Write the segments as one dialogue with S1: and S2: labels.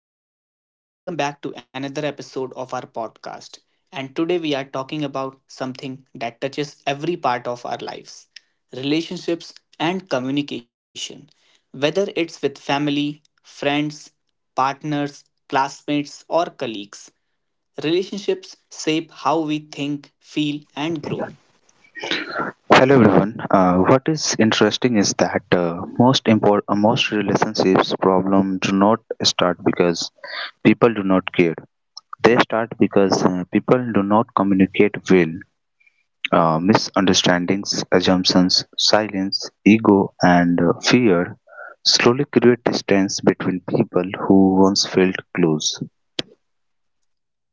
S1: everyone. Welcome back to another episode of our podcast. And today we are talking about something that touches every part of our lives relationships and communication. Whether it's with family, friends, partners, classmates, or colleagues, relationships shape how we think, feel, and grow.
S2: Hello everyone. What is interesting is that most relationships problem do not start because people do not care. They start because people do not communicate well. Misunderstandings, assumptions, silence, ego, and fear slowly create distance between people who once felt close.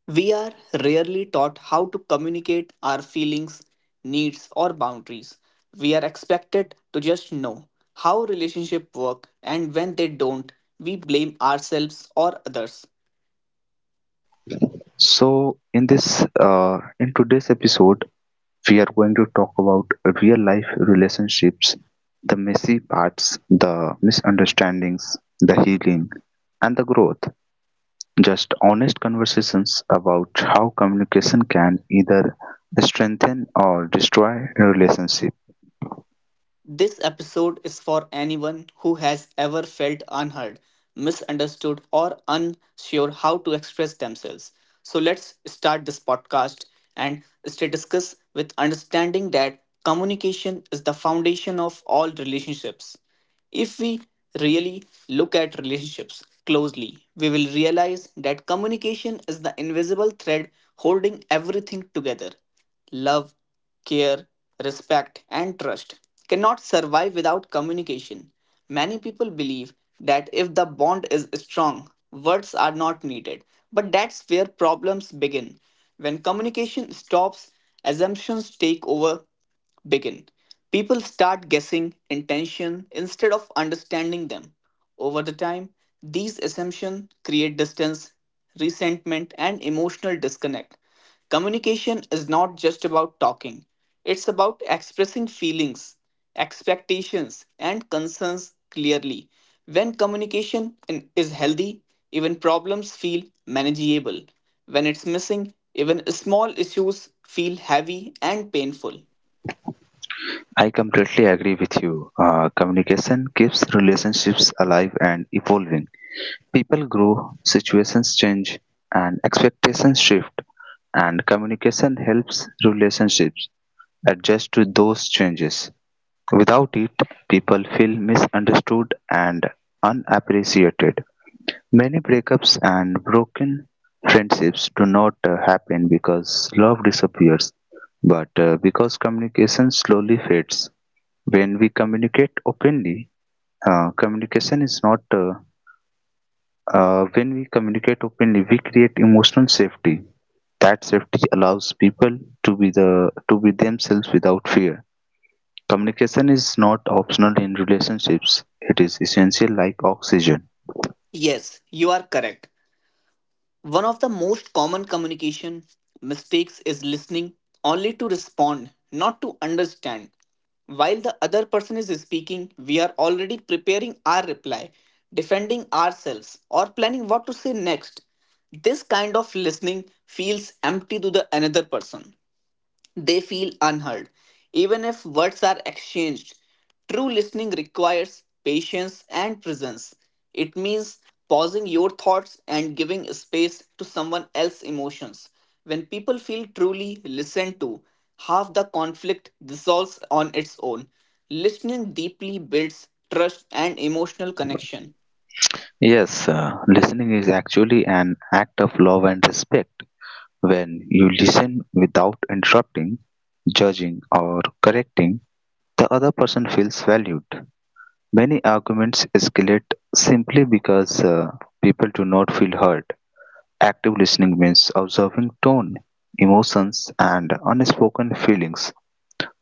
S1: We are rarely taught how to communicate our feelings, needs, or boundaries. We are expected to just know how relationships work, and when they don't, we blame ourselves or others.
S2: So in today's episode, we are going to talk about real life relationships, the messy parts, the misunderstandings, the healing, and the growth. Just honest conversations about how communication can either strengthen or destroy a relationship.
S1: This episode is for anyone who has ever felt unheard, misunderstood, or unsure how to express themselves. So let's start this podcast and stay discuss with understanding that communication is the foundation of all relationships. If we really look at relationships closely, we will realize that communication is the invisible thread holding everything together. Love, care, respect, and trust cannot survive without communication. Many people believe that if the bond is strong, words are not needed. But that's where problems begin. When communication stops, assumptions take over begin. People start guessing intention instead of understanding them. Over the time, these assumptions create distance, resentment, and emotional disconnect. Communication is not just about talking, it's about expressing feelings, expectations, and concerns clearly. When communication is healthy, even problems feel manageable. When it's missing, even small issues feel heavy and painful.
S2: I completely agree with you. Communication keeps relationships alive and evolving. People grow, situations change, and expectations shift and communication helps relationships adjust to those changes. Without it, people feel misunderstood and unappreciated. Many breakups and broken friendships do not happen because love disappears, but because communication slowly fades. When we communicate openly, communication is not When we communicate openly, we create emotional safety. That safety allows people to be themselves without fear. Communication is not optional in relationships, it is essential like oxygen.
S1: Yes, you are correct. One of the most common communication mistakes is listening only to respond, not to understand. While the other person is speaking, we are already preparing our reply, defending ourselves, or planning what to say next. This kind of listening feels empty to the another person. They feel unheard, even if words are exchanged. True listening requires patience and presence. It means pausing your thoughts and giving space to someone else's emotions. When people feel truly listened to, half the conflict dissolves on its own. Listening deeply builds trust and emotional connection.
S2: Yes, listening is actually an act of love and respect. When you listen without interrupting, judging, or correcting, the other person feels valued. Many arguments escalate simply because people do not feel heard. Active listening means observing tone, emotions, and unspoken feelings.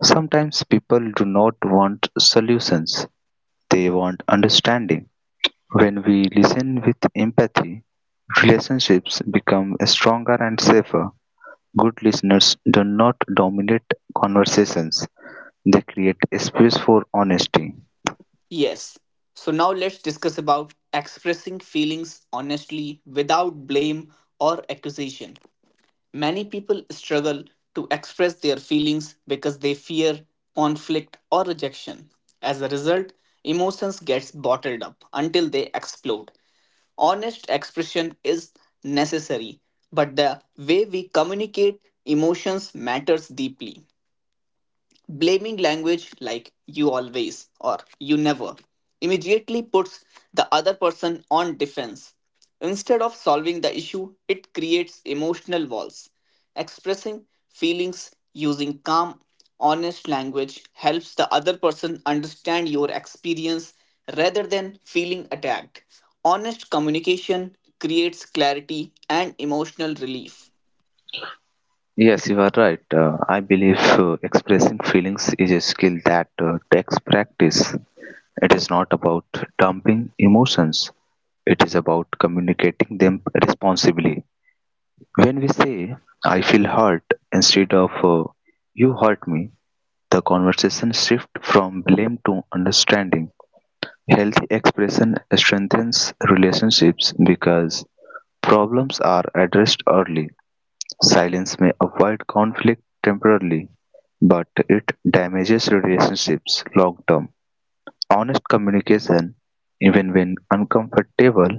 S2: Sometimes people do not want solutions, they want understanding. When we listen with empathy, relationships become stronger and safer. Good listeners do not dominate conversations, they create a space for honesty.
S1: Yes. So now let's discuss about expressing feelings honestly without blame or accusation. Many people struggle to express their feelings because they fear conflict or rejection. As a result, emotions gets bottled up until they explode. Honest expression is necessary, but the way we communicate emotions matters deeply. Blaming language like you always or you never immediately puts the other person on defense. Instead of solving the issue, it creates emotional walls. Expressing feelings using calm, honest language helps the other person understand your experience rather than feeling attacked. Honest communication creates clarity and emotional relief.
S2: Yes, you are right. I believe expressing feelings is a skill that takes practice. It is not about dumping emotions, it is about communicating them responsibly. When we say, I feel hurt, instead of you hurt me, the conversation shifts from blame to understanding. Healthy expression strengthens relationships because problems are addressed early. Silence may avoid conflict temporarily, but it damages relationships long term. Honest communication, even when uncomfortable,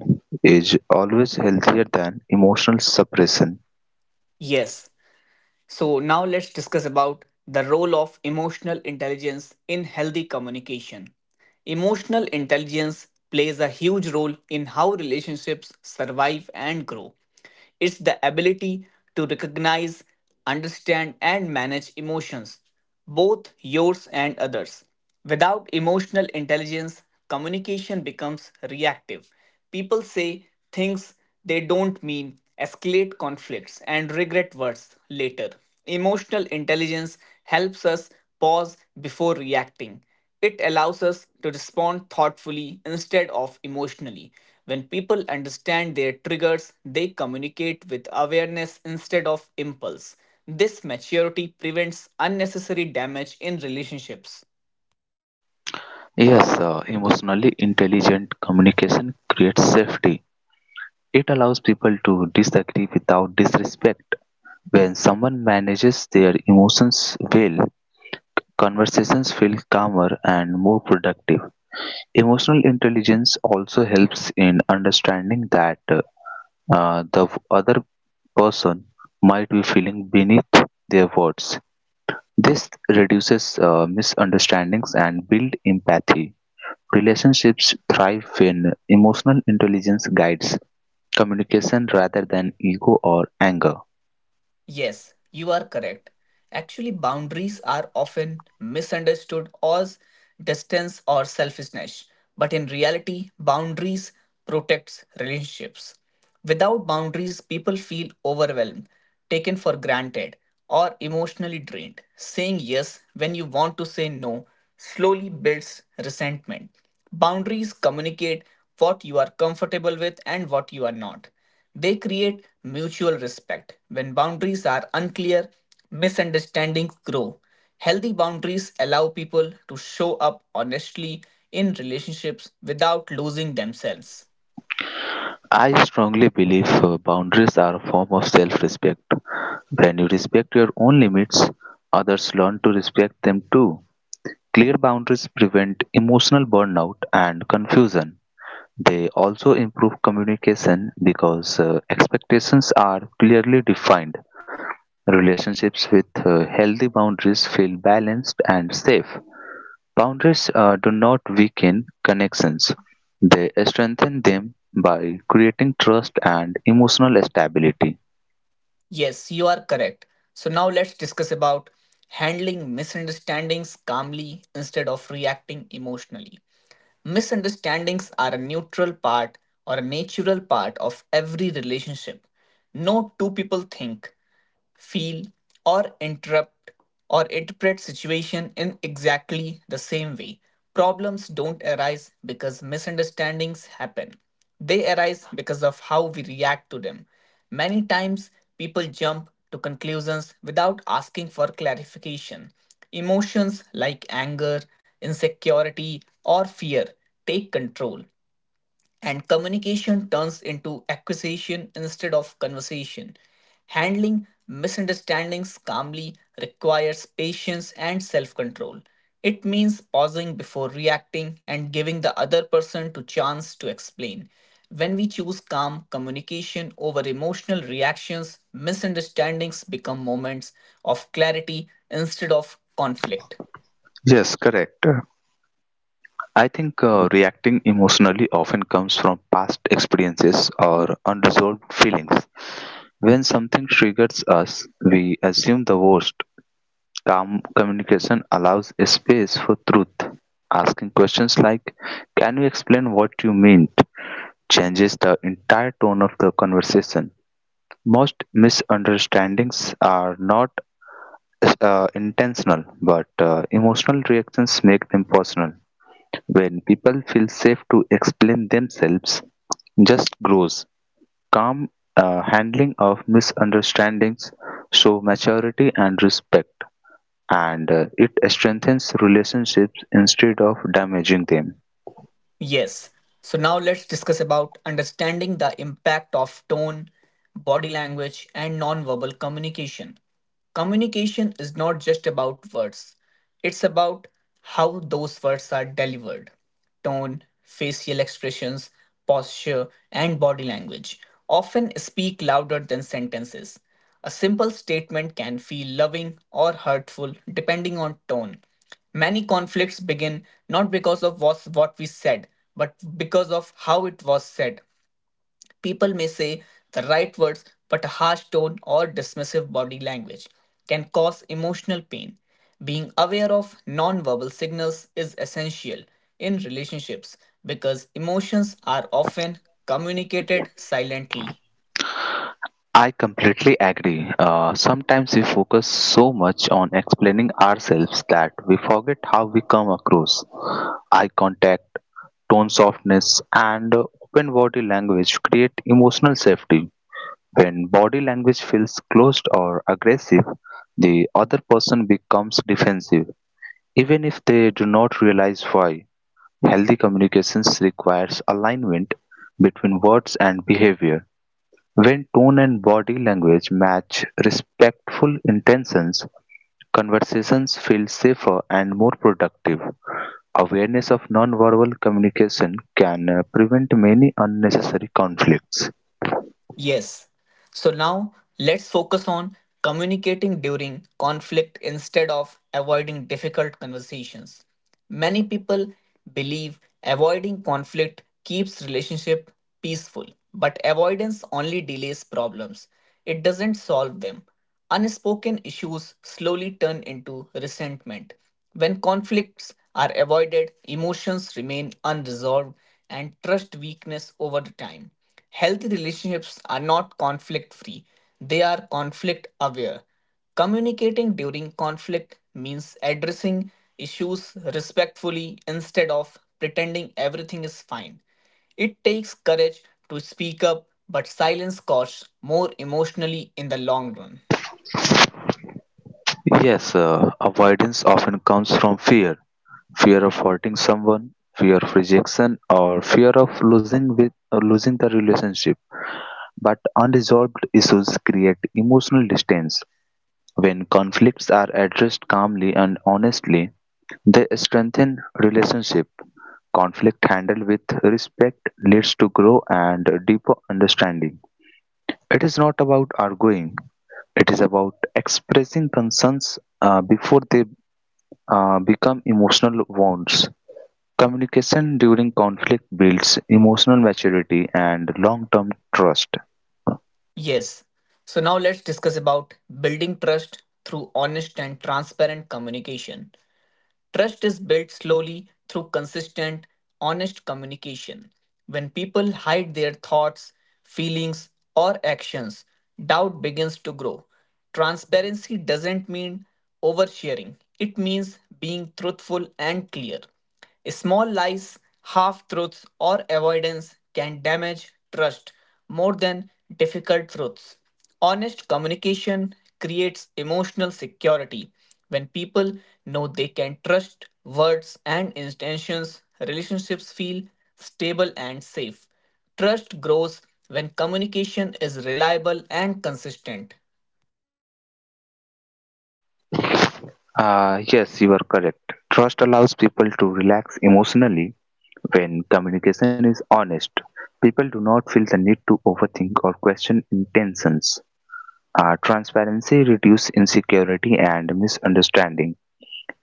S2: is always healthier than emotional suppression.
S1: Yes, so now let's discuss about the role of emotional intelligence in healthy communication. Emotional intelligence plays a huge role in how relationships survive and grow. It's the ability to recognize, understand, and manage emotions, both yours and others. Without emotional intelligence, communication becomes reactive. People say things they don't mean, escalate conflicts, and regret words later. Emotional intelligence helps us pause before reacting. It allows us to respond thoughtfully instead of emotionally. When people understand their triggers, they communicate with awareness instead of impulse. This maturity prevents unnecessary damage in relationships.
S2: Yes, emotionally intelligent communication creates safety. It allows people to disagree without disrespect. When someone manages their emotions well, conversations feel calmer and more productive. Emotional intelligence also helps in understanding that the other person might be feeling beneath their words. This reduces misunderstandings and build empathy. Relationships thrive when emotional intelligence guides communication rather than ego or anger.
S1: Yes, you are correct. Actually, boundaries are often misunderstood as distance or selfishness, but in reality, boundaries protects relationships. Without boundaries, people feel overwhelmed, taken for granted, or emotionally drained. Saying yes when you want to say no slowly builds resentment. Boundaries communicate what you are comfortable with and what you are not. They create mutual respect. When boundaries are unclear, misunderstandings grow. Healthy boundaries allow people to show up honestly in relationships without losing themselves.
S2: I strongly believe boundaries are a form of self respect. When you respect your own limits, others learn to respect them too. Clear boundaries prevent emotional burnout and confusion. They also improve communication because expectations are clearly defined. Relationships with healthy boundaries feel balanced and safe. Boundaries do not weaken connections; they strengthen them by creating trust and emotional stability.
S1: Yes, you are correct. So now let's discuss about handling misunderstandings calmly instead of reacting emotionally. Misunderstandings are a neutral part or a natural part of every relationship. No two people think, feel, or interrupt or interpret situation in exactly the same way. Problems don't arise because misunderstandings happen. They arise because of how we react to them. Many times people jump to conclusions without asking for clarification. Emotions like anger, insecurity, or fear take control and communication turns into acquisition instead of conversation. Handling misunderstandings calmly requires patience and self control. It means pausing before reacting and giving the other person to chance to explain. When we choose calm communication over emotional reactions, misunderstandings become moments of clarity instead of conflict.
S2: Yes, correct. I think reacting emotionally often comes from past experiences or unresolved feelings. When something triggers us, we assume the worst. Calm communication allows a space for truth. Asking questions like, can you explain what you meant, changes the entire tone of the conversation. Most misunderstandings are not intentional, but emotional reactions make them personal. When people feel safe to explain themselves, just grows. Calm handling of misunderstandings show maturity and respect, and it strengthens relationships instead of damaging them.
S1: Yes. So now let's discuss about understanding the impact of tone, body language, and nonverbal communication. Communication is not just about words, it's about how those words are delivered. Tone, facial expressions, posture, and body language often speak louder than sentences. A simple statement can feel loving or hurtful depending on tone. Many conflicts begin not because of what we said, but because of how it was said. People may say the right words, but a harsh tone or dismissive body language can cause emotional pain. Being aware of nonverbal signals is essential in relationships because emotions are often communicated silently.
S2: I completely agree. Sometimes we focus so much on explaining ourselves that we forget how we come across. Eye contact, tone softness, and open body language create emotional safety. When body language feels closed or aggressive, the other person becomes defensive, even if they do not realize why. Healthy communications requires alignment between words and behavior when tone and body language match respectful intentions, conversations feel safer and more productive. Awareness of nonverbal communication can prevent many unnecessary conflicts.
S1: Yes. So now let's focus on communicating during conflict instead of avoiding difficult conversations. Many people believe avoiding conflict keeps relationship peaceful, but avoidance only delays problems. It doesn't solve them. Unspoken issues slowly turn into resentment. When conflicts are avoided, emotions remain unresolved and trust weakness over the time. Healthy relationships are not conflict free, they are conflict aware. Communicating during conflict means addressing issues respectfully instead of pretending everything is fine. It takes courage to speak up, but silence costs more emotionally in the long run.
S2: Yes, avoidance often comes from fear fear of hurting someone, fear of rejection, or fear of losing, with, or losing the relationship. But unresolved issues create emotional distance. When conflicts are addressed calmly and honestly, they strengthen relationship. Conflict handled with respect leads to growth and deeper understanding. It is not about arguing; it is about expressing concerns before they become emotional wounds. Communication during conflict builds emotional maturity and long-term trust.
S1: Yes. So now let's discuss about building trust through honest and transparent communication. Trust is built slowly through consistent, honest communication. When people hide their thoughts, feelings, or actions, doubt begins to grow. Transparency doesn't mean oversharing, it means being truthful and clear. Small lies, half truths, or avoidance can damage trust more than difficult truths. Honest communication creates emotional security. When people know they can trust words and intentions, relationships feel stable and safe. Trust grows when communication is reliable and consistent.
S2: Yes, you are correct. Trust allows people to relax emotionally when communication is honest. People do not feel the need to overthink or question intentions. Transparency reduces insecurity and misunderstanding,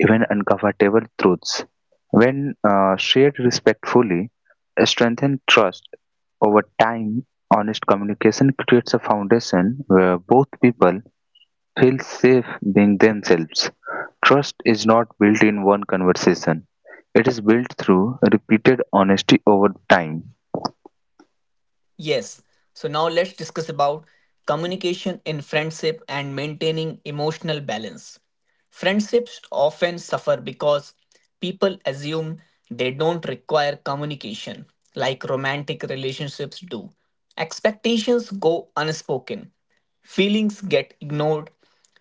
S2: even uncomfortable truths. When shared respectfully, strengthen trust. Over time, honest communication creates a foundation where both people feel safe being themselves. Trust is not built in one conversation, it is built through repeated honesty over time.
S1: Yes. So now let's discuss about communication in friendship and maintaining emotional balance. Friendships often suffer because people assume they don't require communication like romantic relationships do. Expectations go unspoken. Feelings get ignored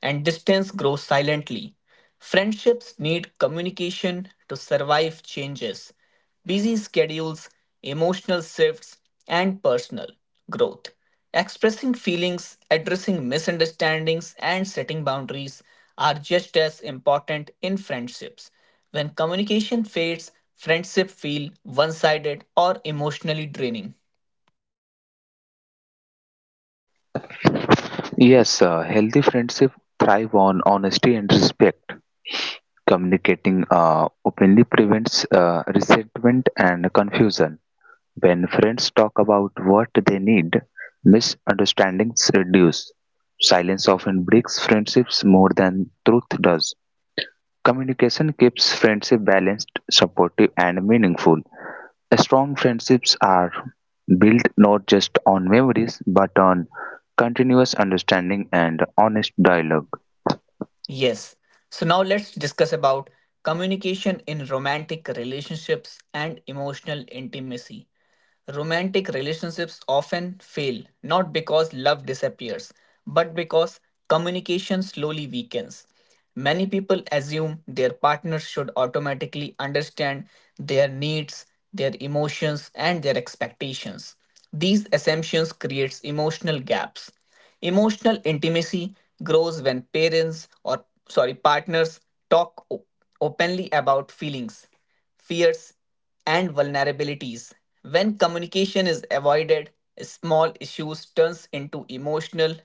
S1: and distance grows silently. Friendships need communication to survive changes, busy schedules, emotional shifts, and personal growth. Expressing feelings, addressing misunderstandings, and setting boundaries are just as important in friendships. When communication fades, friendships feel one sided or emotionally draining.
S2: Yes, healthy friendship thrive on honesty and respect. Communicating openly prevents resentment and confusion. When friends talk about what they need, misunderstandings reduce. Silence often breaks friendships more than truth does. Communication keeps friendship balanced, supportive, and meaningful. Strong friendships are built not just on memories but on continuous understanding and honest dialogue.
S1: Yes. So now let's discuss about communication in romantic relationships and emotional intimacy. Romantic relationships often fail not because love disappears, but because communication slowly weakens. Many people assume their partners should automatically understand their needs, their emotions, and their expectations. These assumptions creates emotional gaps. Emotional intimacy grows when parents or sorry partners talk o- openly about feelings fears, and vulnerabilities. When communication is avoided, small issues turns into emotional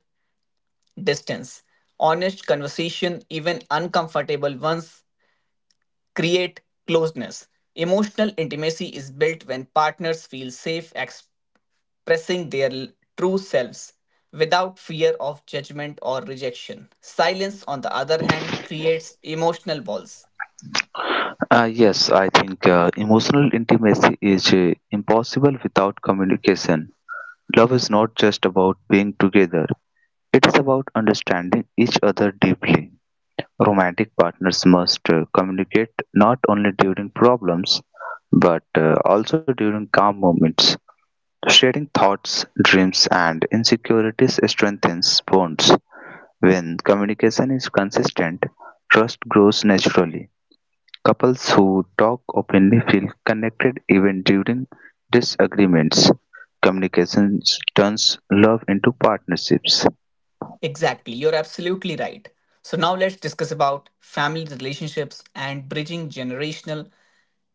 S1: distance. Honest conversation, even uncomfortable ones, create closeness. Emotional intimacy is built when partners feel safe expressing true selves without fear of judgment or rejection. Silence, on the other hand, creates emotional walls.
S2: Yes, I think emotional intimacy is impossible without communication. Love is not just about being together, it is about understanding each other deeply. Romantic partners must communicate not only during problems but also during calm moments. Sharing thoughts, dreams, and insecurities strengthens bonds. When communication is consistent, trust grows naturally. Couples who talk openly feel connected even during disagreements. Communication turns love into partnerships.
S1: Exactly, you're absolutely right. So now let's discuss about family relationships and bridging generational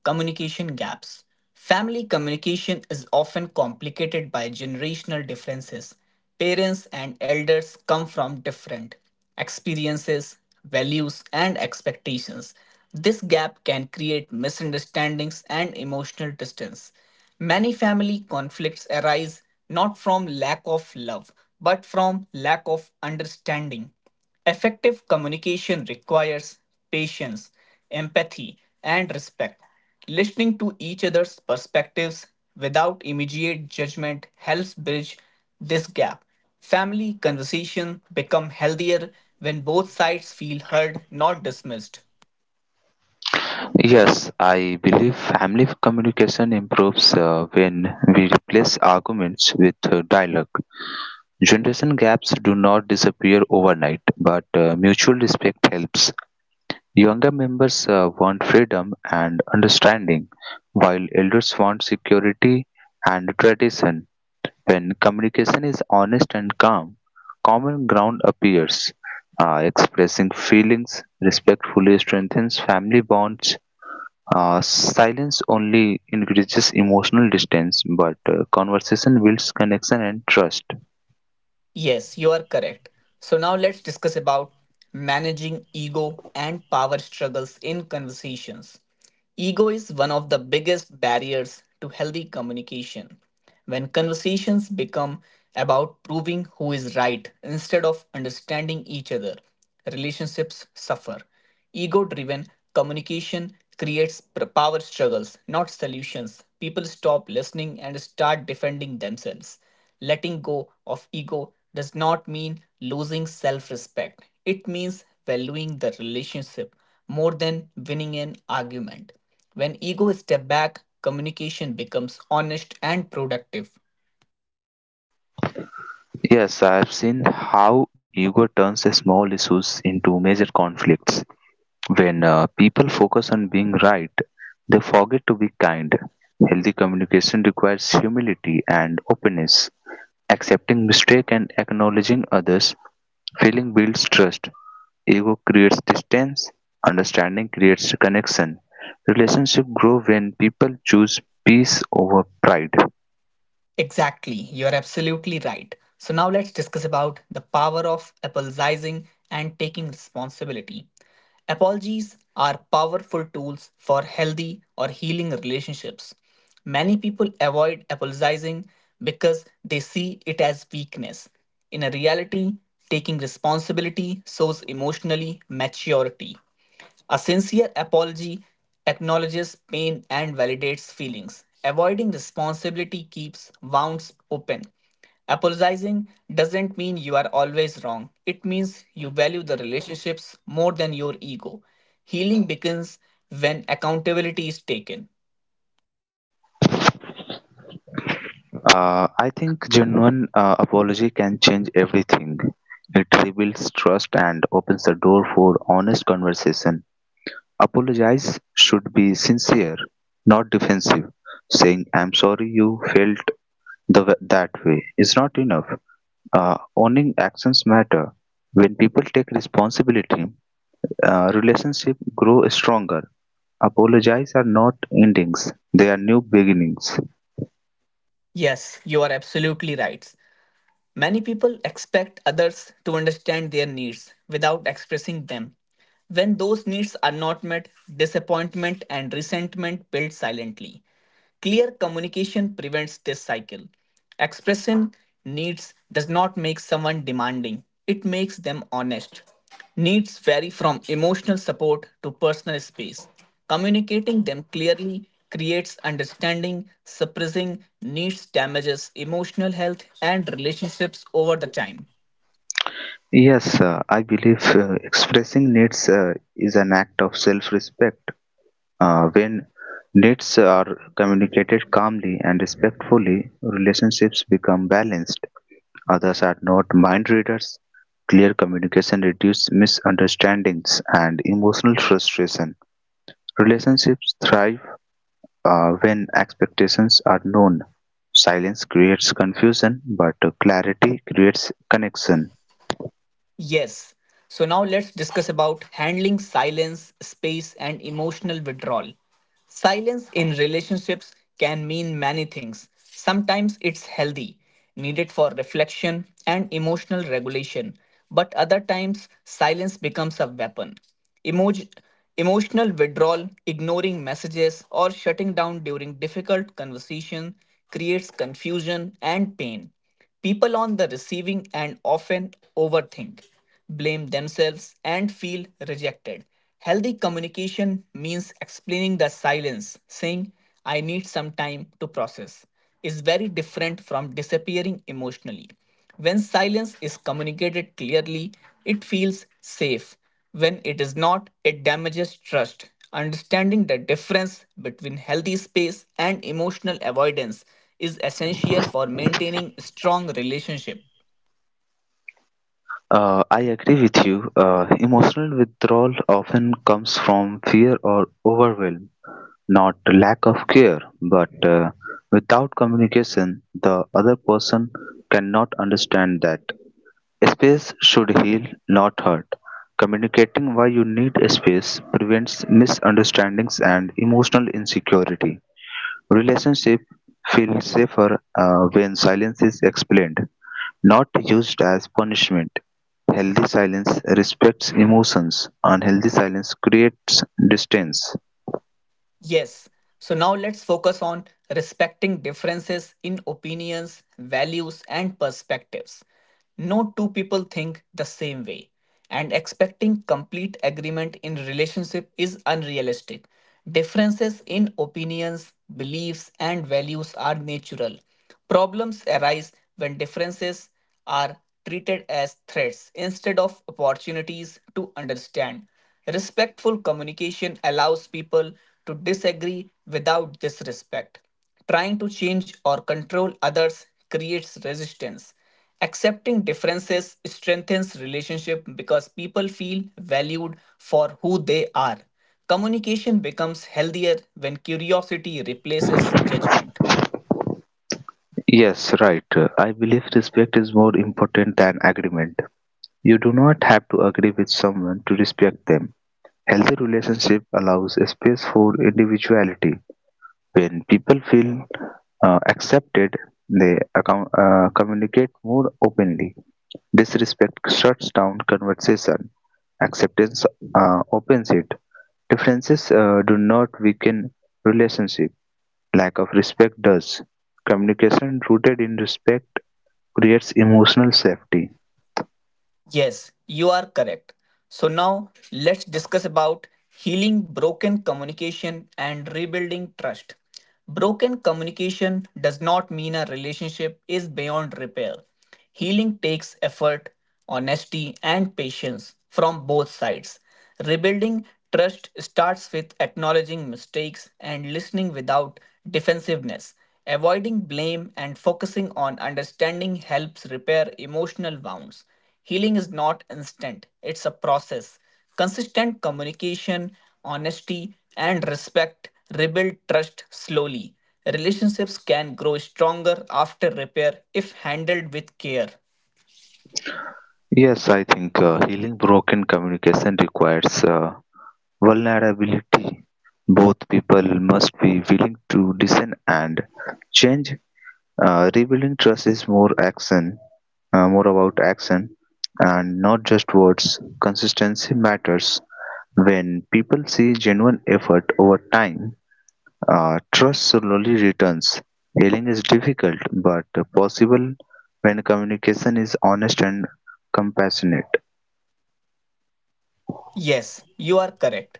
S1: communication gaps. Family communication is often complicated by generational differences. Parents and elders come from different experiences, values, and expectations. This gap can create misunderstandings and emotional distance. Many family conflicts arise not from lack of love, but from lack of understanding. Effective communication requires patience, empathy, and respect. Listening to each other's perspectives without immediate judgment helps bridge this gap. Family conversation become healthier when both sides feel heard, not dismissed.
S2: Yes, I believe family communication improves when we replace arguments with dialogue. Generation gaps do not disappear overnight, but mutual respect helps. Younger members want freedom and understanding, while elders want security and tradition. When communication is honest and calm, common ground appears. Expressing feelings respectfully strengthens family bonds silence only increases emotional distance, but conversation builds connection and trust.
S1: Yes, you are correct. So now let's discuss about managing ego and power struggles in conversations. Ego is one of the biggest barriers to healthy communication. When conversations become about proving who is right instead of understanding each other, relationships suffer. Ego driven communication creates power struggles, not solutions. People stop listening and start defending themselves. Letting go of ego does not mean losing self respect, it means valuing the relationship more than winning an argument. When ego steps back, communication becomes honest and productive.
S2: Yes, I have seen how ego turns small issues into major conflicts. When people focus on being right, they forget to be kind. Healthy communication requires humility and openness, accepting mistake and acknowledging others. Feeling builds trust, ego creates distance, understanding creates connection. Relationship grow when people choose peace over pride.
S1: Exactly, you're absolutely right. So now let's discuss about the power of apologizing and taking responsibility. Apologies are powerful tools for healthy or healing relationships. Many people avoid apologizing because they see it as weakness. In a reality, taking responsibility shows emotionally maturity. A sincere apology acknowledges pain and validates feelings. Avoiding responsibility keeps wounds open. Apologizing doesn't mean you are always wrong, it means you value the relationships more than your ego. Healing begins when accountability is taken.
S2: I think genuine apology can change everything. It rebuilds trust and opens the door for honest conversation. Apologize should be sincere, not defensive. Saying "I'm sorry you felt the, that way" is not enough. Owning actions matter. When people take responsibility, relationships grow stronger. Apologies are not endings, they are new beginnings.
S1: Yes, you are absolutely right. Many people expect others to understand their needs without expressing them. When those needs are not met, disappointment and resentment build silently. Clear communication prevents this cycle. Expressing needs does not make someone demanding, it makes them honest. Needs vary from emotional support to personal space. Communicating them clearly creates understanding, suppressing needs damages emotional health and relationships over the time.
S2: Yes, I believe expressing needs is an act of self respect. When needs are communicated calmly and respectfully, relationships become balanced. Others are not mind readers. Clear communication reduces misunderstandings and emotional frustration. Relationships thrive when expectations are known, silence creates confusion, but clarity creates connection.
S1: Yes. So now let's discuss about handling silence, space, and emotional withdrawal. Silence in relationships can mean many things. Sometimes it's healthy, needed for reflection and emotional regulation, but other times silence becomes a weapon. Emoj- Emotional withdrawal, ignoring messages, or shutting down during difficult conversation creates confusion and pain. People on the receiving end often overthink, blame themselves, and feel rejected. Healthy communication means explaining the silence, saying, I need some time to process, is very different from disappearing emotionally. When silence is communicated clearly, it feels safe. When it is not, it damages trust. Understanding the difference between healthy space and emotional avoidance is essential for maintaining strong relationship.
S2: I agree with you. Emotional withdrawal often comes from fear or overwhelm, not lack of care. But without communication, the other person cannot understand that. Space should heal, not hurt. Communicating why you need a space prevents misunderstandings and emotional insecurity. Relationship feel safer when silence is explained, not used as punishment. Healthy silence respects emotions, unhealthy silence creates distance.
S1: Yes. So now let's focus on respecting differences in opinions, values, and perspectives. No two people think the same way, and expecting complete agreement in relationship is unrealistic. Differences in opinions, beliefs, and values are natural. Problems arise when differences are treated as threats instead of opportunities to understand. Respectful communication allows people to disagree without disrespect. Trying to change or control others creates resistance. Accepting differences strengthens relationship because people feel valued for who they are. Communication becomes healthier when curiosity replaces judgment.
S2: Yes, right. I believe respect is more important than agreement. You do not have to agree with someone to respect them. Healthy relationship allows a space for individuality. When people feel accepted, they communicate more openly. Disrespect shuts down conversation; acceptance opens it. Differences do not weaken relationship; lack of respect does. Communication rooted in respect creates emotional safety.
S1: Yes, you are correct. So now let's discuss about healing broken communication and rebuilding trust. Broken communication does not mean a relationship is beyond repair. Healing takes effort, honesty, and patience from both sides. Rebuilding trust starts with acknowledging mistakes and listening without defensiveness. Avoiding blame and focusing on understanding helps repair emotional wounds. Healing is not instant, it's a process. Consistent communication, honesty, and respect rebuild trust slowly. Relationships can grow stronger after repair if handled with care.
S2: Yes, I think healing broken communication requires vulnerability. Both people must be willing to listen and change. Rebuilding trust is more about action, and not just words. Consistency matters. When people see genuine effort over time, trust slowly returns. Healing is difficult but possible when communication is honest and compassionate.
S1: Yes, you are correct.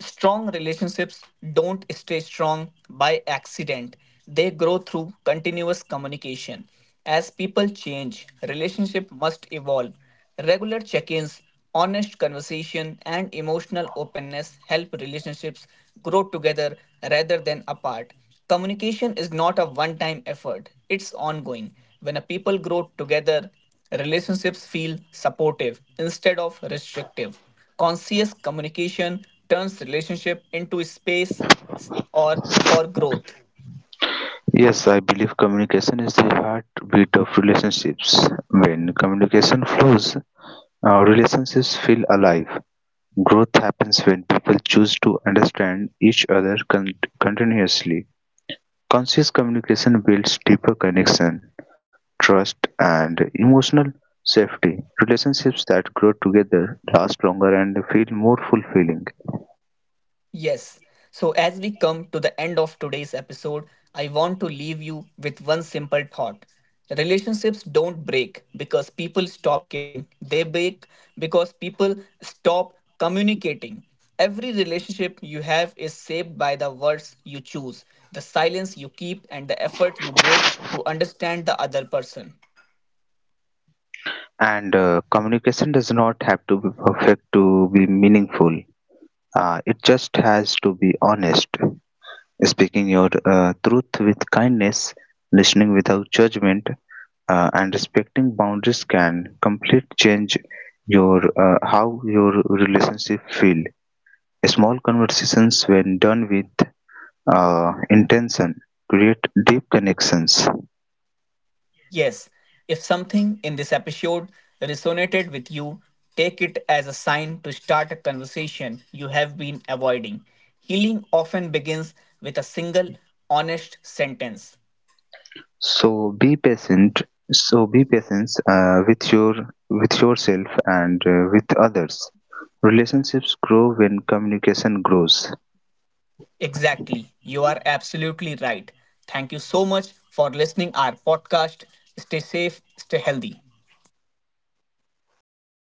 S1: Strong relationships don't stay strong by accident, they grow through continuous communication. As people change, relationship must evolve. Regular check-ins, honest conversation and emotional openness help relationships grow together rather than apart. Communication is not a one-time effort, it's ongoing. When a people grow together, relationships feel supportive instead of restrictive. Conscious communication turns relationship into space s- or for growth.
S2: Yes, I believe communication is the heartbeat of relationships. When communication flows, our relationships feel alive. Growth happens when people choose to understand each other continuously. Conscious communication builds deeper connection, trust, and emotional safety. Relationships that grow together last longer and feel more fulfilling.
S1: Yes. So, as we come to the end of today's episode, I want to leave you with one simple thought. Relationships don't break because people stop caring, they break because people stop communicating. Every relationship you have is shaped by the words you choose, the silence you keep, and the effort you make to understand the other person.
S2: And communication does not have to be perfect to be meaningful. It just has to be honest. Speaking your truth with kindness, listening without judgment, and respecting boundaries can completely change your how your relationship feel small conversations when done with intention create deep connections.
S1: Yes, if something in this episode resonated with you, take it as a sign to start a conversation you have been avoiding. Healing often begins with a single, honest sentence.
S2: so be patient so be patient with yourself and with others relationships grow when communication grows.
S1: Exactly, you are absolutely right. Thank you so much for listening our podcast. Stay safe, stay healthy.